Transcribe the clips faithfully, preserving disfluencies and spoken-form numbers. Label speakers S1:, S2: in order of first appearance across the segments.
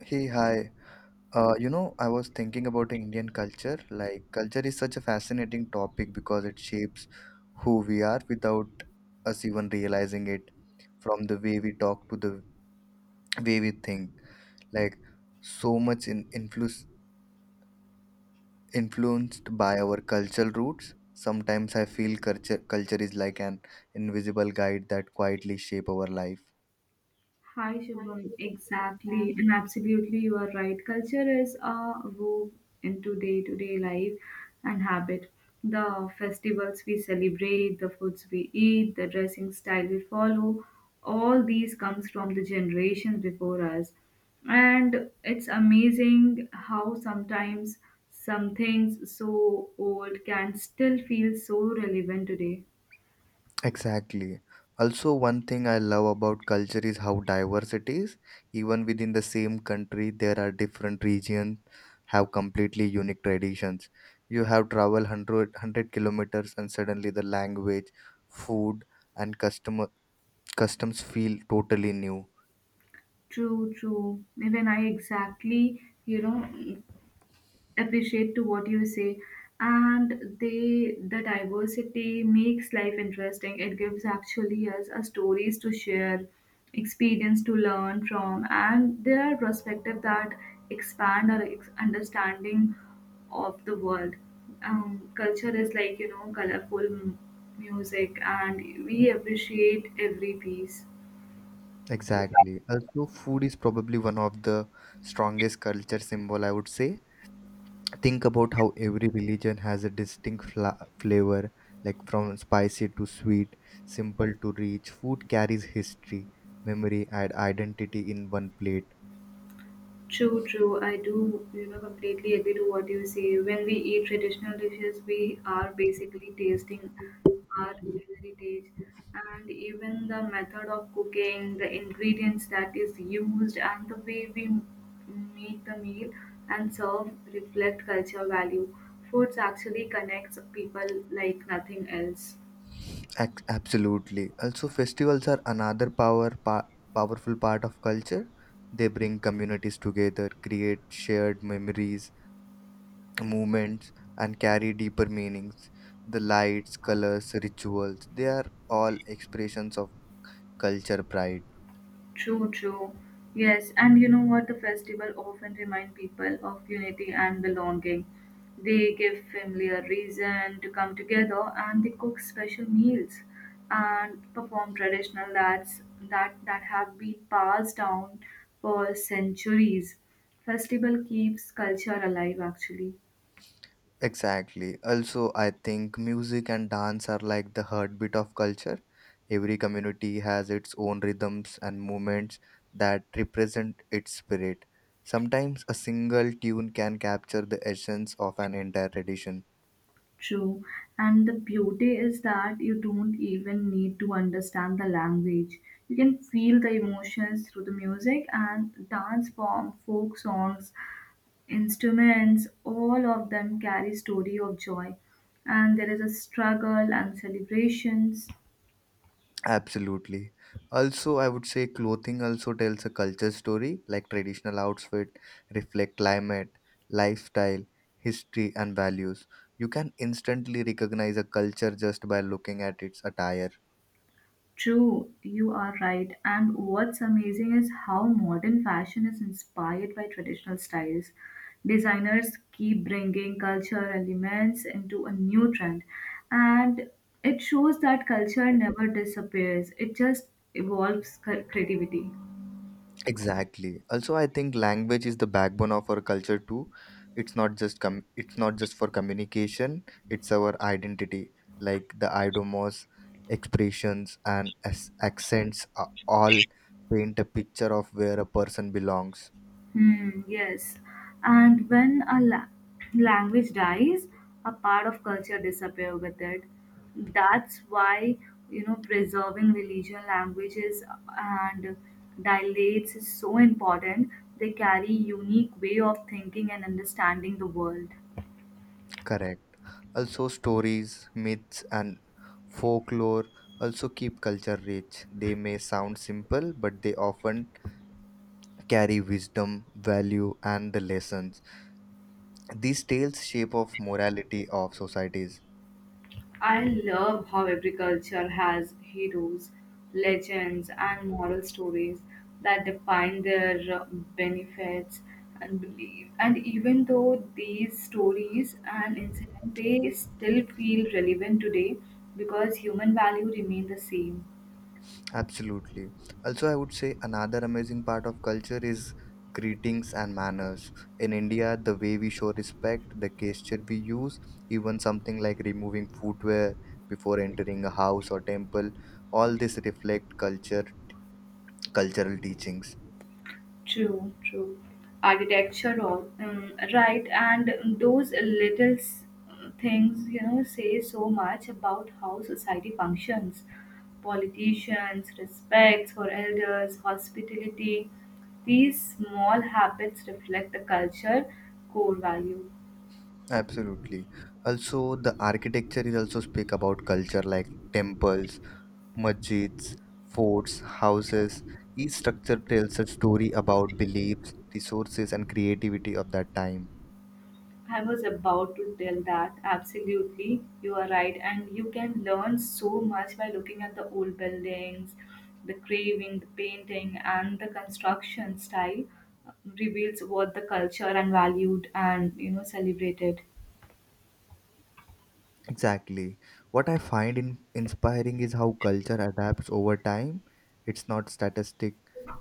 S1: Hey, hi. Uh, you know, I was thinking about Indian culture. Like, culture is such a fascinating topic because it shapes who we are without us even realizing it, from the way we talk to the way we think. Like, so much in influence influenced by our cultural roots. Sometimes I feel culture culture is like an invisible guide that quietly shape our life.
S2: Hi, Shubham. Exactly, and absolutely, you are right. Culture is a wove into day to day life and habit. The festivals we celebrate, the foods we eat, the dressing style we follow, all these comes from the generations before us. And it's amazing how sometimes some things so old can still feel so relevant today.
S1: Exactly. Also, one thing I love about culture is how diverse it is. Even within the same country, there are different regions have completely unique traditions. You have traveled one hundred, kilometers and suddenly the language, food, and customer customs feel totally new.
S2: True, true. Even I exactly, you know, appreciate to what you say, and they the diversity makes life interesting. It gives actually us a stories to share, experience to learn from, and there are perspectives that expand our ex- understanding of the world. Um, culture is like, you know colorful m- music, and we appreciate every piece.
S1: Exactly. Also, food is probably one of the strongest culture symbol, I would say. Think about how every religion has a distinct fla- flavor, like from spicy to sweet, simple to rich. Food carries history, memory and identity in one plate.
S2: True, true. I do, you know, completely agree to what you say. When we eat traditional dishes, we are basically tasting our heritage. And even the method of cooking, the ingredients that is used, and the way we m- make the meal and serve reflect culture value. Foods actually connects people like nothing else.
S1: Ac- absolutely. Also, festivals are another power pa- powerful part of culture. They bring communities together, create shared memories, movements, and carry deeper meanings. The lights, colors, rituals, they are all expressions of culture pride.
S2: True, true. Yes, and you know what? The festival often remind people of unity and belonging. They give family a reason to come together, and they cook special meals and perform traditional dance that, that have been passed down for centuries. Festival keeps culture alive actually.
S1: Exactly. Also, I think music and dance are like the heartbeat of culture. Every community has its own rhythms and movements that represent its spirit. Sometimes a single tune can capture the essence of an entire tradition.
S2: True. And the beauty is that you don't even need to understand the language. You can feel the emotions through the music and dance form, folk songs, instruments, all of them carry story of joy. And there is a struggle and celebrations.
S1: Absolutely. Also, I would say clothing also tells a culture story, like traditional outfit reflect climate, lifestyle, history and values. You can instantly recognize a culture just by looking at its attire.
S2: True, you are right. And what's amazing is how modern fashion is inspired by traditional styles. Designers keep bringing cultural elements into a new trend, and it shows that culture never disappears, it just evolves cre- creativity.
S1: Exactly. Also, I think language is the backbone of our culture too. It's not just com- it's not just for communication, it's our identity. Like the idomos, expressions and as- accents are all paint a picture of where a person belongs.
S2: Hmm, yes. And when a la- language dies, a part of culture disappear with it. That's why, you know, preserving religion languages and dialects is so important. They carry unique way of thinking and understanding the world.
S1: Correct. Also, stories, myths and folklore also keep culture rich. They may sound simple, but they often carry wisdom, value and the lessons. These tales shape of morality of societies.
S2: I love how every culture has heroes, legends, and moral stories that define their uh, benefits and belief. And even though these stories and incidents, they still feel relevant today because human value remain the same.
S1: Absolutely. Also, I would say another amazing part of culture is greetings and manners. In India, the way we show respect, the gesture we use, even something like removing footwear before entering a house or temple, all this reflect culture cultural teachings.
S2: True, true. Architectural, um, right? And those little s- things, you know, say so much about how society functions. Politicians, respect for elders, hospitality. These small habits reflect the culture core value.
S1: Absolutely. Also, the architecture is also speak about culture, like temples, Masjids, forts, houses. Each structure tells a story about beliefs, resources, and creativity of that time.
S2: I was about to tell that. Absolutely, you are right. And you can learn so much by looking at the old buildings, the carving, the painting, and the construction style uh, reveals what the culture and valued and you know celebrated.
S1: Exactly. What I find in inspiring is how culture adapts over time. It's not statistic.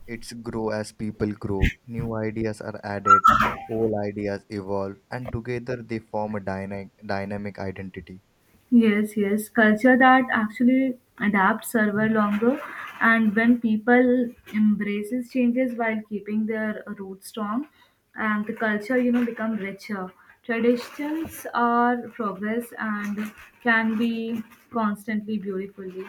S1: It's grow as people grow. New ideas are added, old ideas evolve, and together they form a dyna- dynamic identity.
S2: Yes, yes. Culture that actually adapts server longer, and when people embraces changes while keeping their roots strong, and the culture, you know, become richer. Traditions are progress and can be constantly beautifully.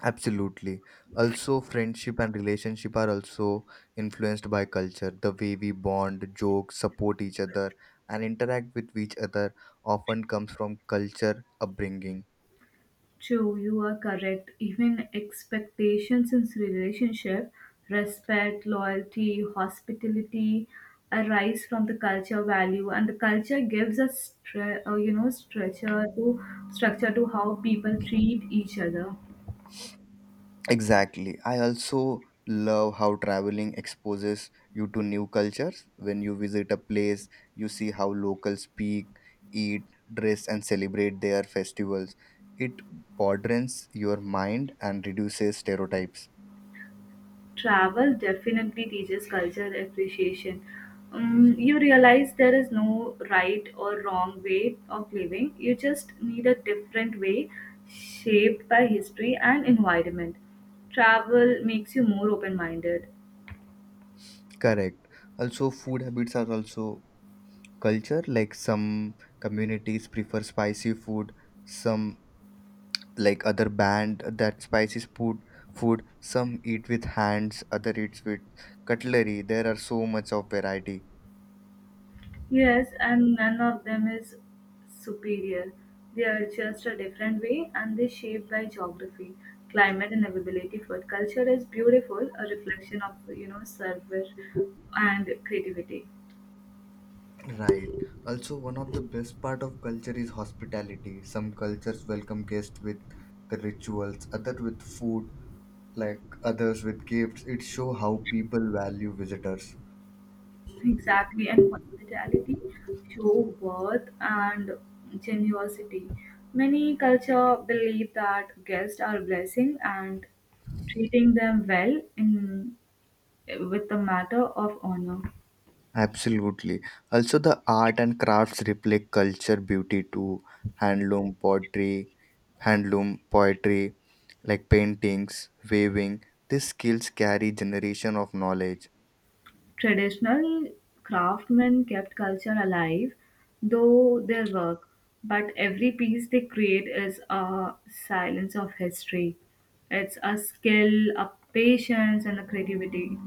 S1: Absolutely. Also, friendship and relationship are also influenced by culture. The way we bond, joke, support each other, and interact with each other often comes from culture upbringing.
S2: True, you are correct. Even expectations in relationship, respect, loyalty, hospitality arise from the culture value, and the culture gives a stre- uh, you know structure to structure to how people treat each other.
S1: Exactly. I also love how traveling exposes you to new cultures. When you visit a place, you see how locals speak, eat, dress, and celebrate their festivals. It broadens your mind and reduces stereotypes.
S2: Travel definitely teaches culture appreciation. Um, you realize there is no right or wrong way of living. You just need a different way shaped by history and environment. Travel makes you more open minded.
S1: Correct. Also, food habits are also culture. Like some communities prefer spicy food, some like other band that spicy food food. Some eat with hands, other eats with cutlery. There are so much of variety.
S2: Yes, and none of them is superior. They are just a different way, and they shaped by geography, climate and availability food. Culture is beautiful, a reflection of you know service and creativity.
S1: Right. Also, one of the best part of culture is hospitality. Some cultures welcome guests with the rituals, other with food, like others with gifts. It show how people value visitors.
S2: Exactly, and hospitality show worth and generosity. Many culture believe that guests are blessing and treating them well in with the matter of honor.
S1: Absolutely. Also, the art and crafts reflect culture beauty too. Handloom pottery, handloom poetry, like paintings, weaving. These skills carry generation of knowledge.
S2: Traditional craftsmen kept culture alive, though their work, but every piece they create is a silence of history. It's a skill, a patience, and a creativity.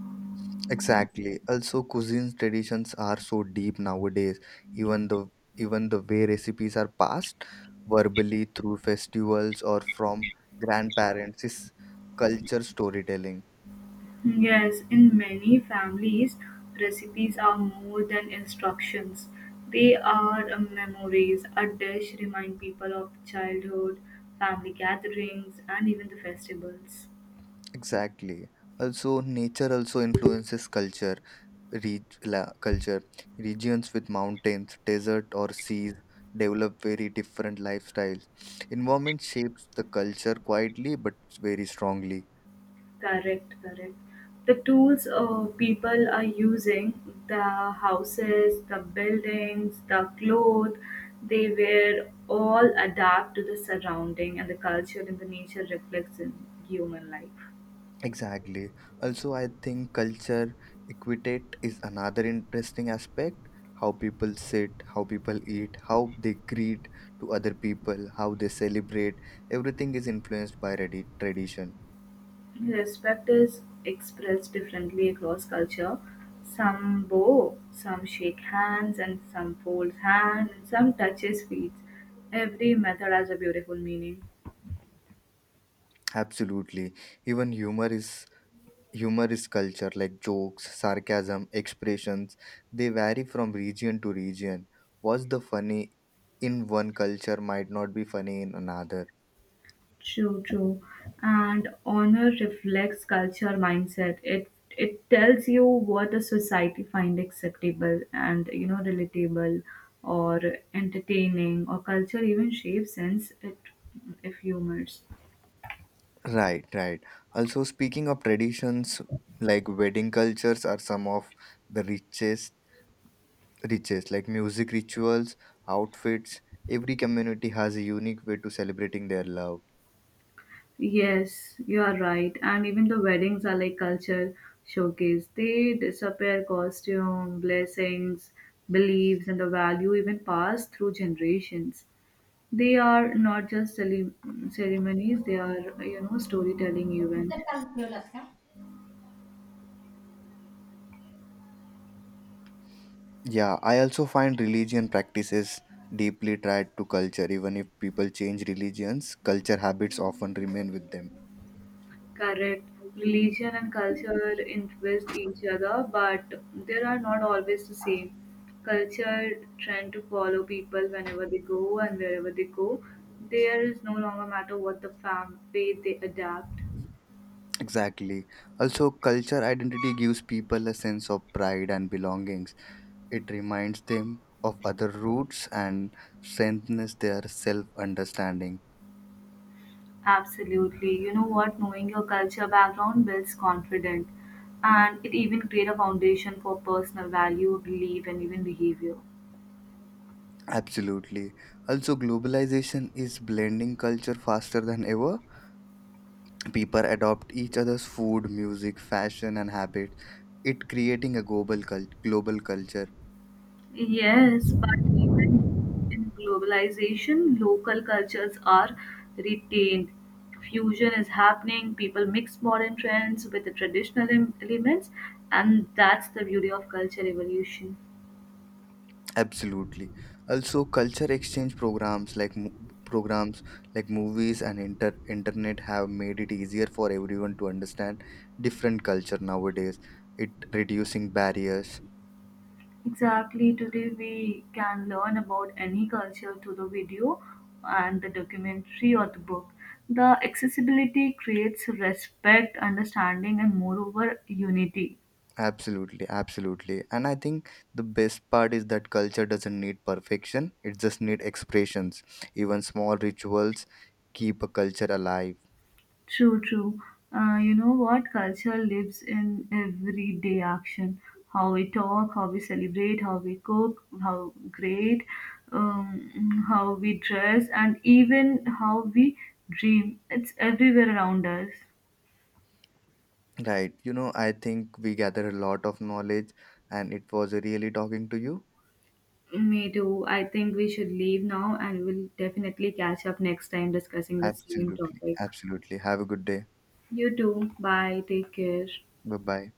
S1: Exactly. Also, cuisine traditions are so deep nowadays. Even the even the way recipes are passed verbally through festivals or from grandparents is culture storytelling.
S2: Yes, in many families, recipes are more than instructions. They are uh, memories. A dish remind people of childhood, family gatherings, and even the festivals.
S1: Exactly. Also, nature also influences culture reg- la- culture. Regions with mountains, desert, or seas develop very different lifestyles. Environment shapes the culture quietly but very strongly.
S2: Correct, correct. The tools uh, people are using, the houses, the buildings, the clothes they wear, all adapt to the surrounding, and the culture and the nature reflects in human life.
S1: Exactly. Also, I think culture equitate is another interesting aspect. How people sit, how people eat, how they greet to other people, how they celebrate. Everything is influenced by radi- tradition.
S2: Respect is expressed differently across culture. Some bow, some shake hands, and some fold hands, and some touches feet. Every method has a beautiful meaning.
S1: Absolutely. Even humor is Humor is culture, like jokes, sarcasm, expressions. They vary from region to region. What's the funny in one culture might not be funny in another.
S2: True, true. And honor reflects culture mindset. It it tells you what the society find acceptable and you know relatable or entertaining, or culture even shapes sense it if humors.
S1: Right, right. Also, speaking of traditions, like wedding cultures are some of the richest, richest, like music, rituals, outfits. Every community has a unique way to celebrating their love.
S2: Yes, you are right. And even the weddings are like culture showcase. They disappear costume, blessings, beliefs, and the value even passed through generations. They are not just cele- ceremonies, they are, you know, storytelling event.
S1: Yeah, I also find religion practices deeply tied to culture. Even if people change religions, culture habits often remain with them.
S2: Correct. Religion and culture influence each other, but they are not always the same. Culture tend to follow people whenever they go and wherever they go. There is no longer matter what the fam faith they adapt.
S1: Exactly. Also, culture identity gives people a sense of pride and belongings. It reminds them of other roots and strengthens their self understanding.
S2: Absolutely. You know what? Knowing your culture background builds confidence, and it even create a foundation for personal value, belief and even behavior.
S1: Absolutely. Also, globalization is blending culture faster than ever. People adopt each other's food, music, fashion, and habits. It creating a global cul- global culture.
S2: Yes, but even in globalization, local cultures are retained. Fusion is happening, people mix modern trends with the traditional em- elements, and that's the beauty of culture evolution.
S1: Absolutely. Also, culture exchange programs like mo- programs like movies and inter- internet have made it easier for everyone to understand different culture nowadays. It reducing barriers.
S2: Exactly, today we can learn about any culture through the video and the documentary or the book. The accessibility creates respect, understanding, and moreover, unity.
S1: Absolutely, absolutely. And I think the best part is that culture doesn't need perfection. It just need expressions. Even small rituals keep a culture alive.
S2: True, true. Uh, you know what? Culture lives in everyday action. How we talk, how we celebrate, how we cook, how great, um, how we dress, and even how we dream. It's everywhere around us.
S1: Right. You know, I think we gather a lot of knowledge, and it was really talking to you.
S2: Me too. I think we should leave now, and we'll definitely catch up next time discussing the same
S1: Absolutely.
S2: topic.
S1: Absolutely. Have a good day.
S2: You too. Bye. Take care.
S1: Bye bye.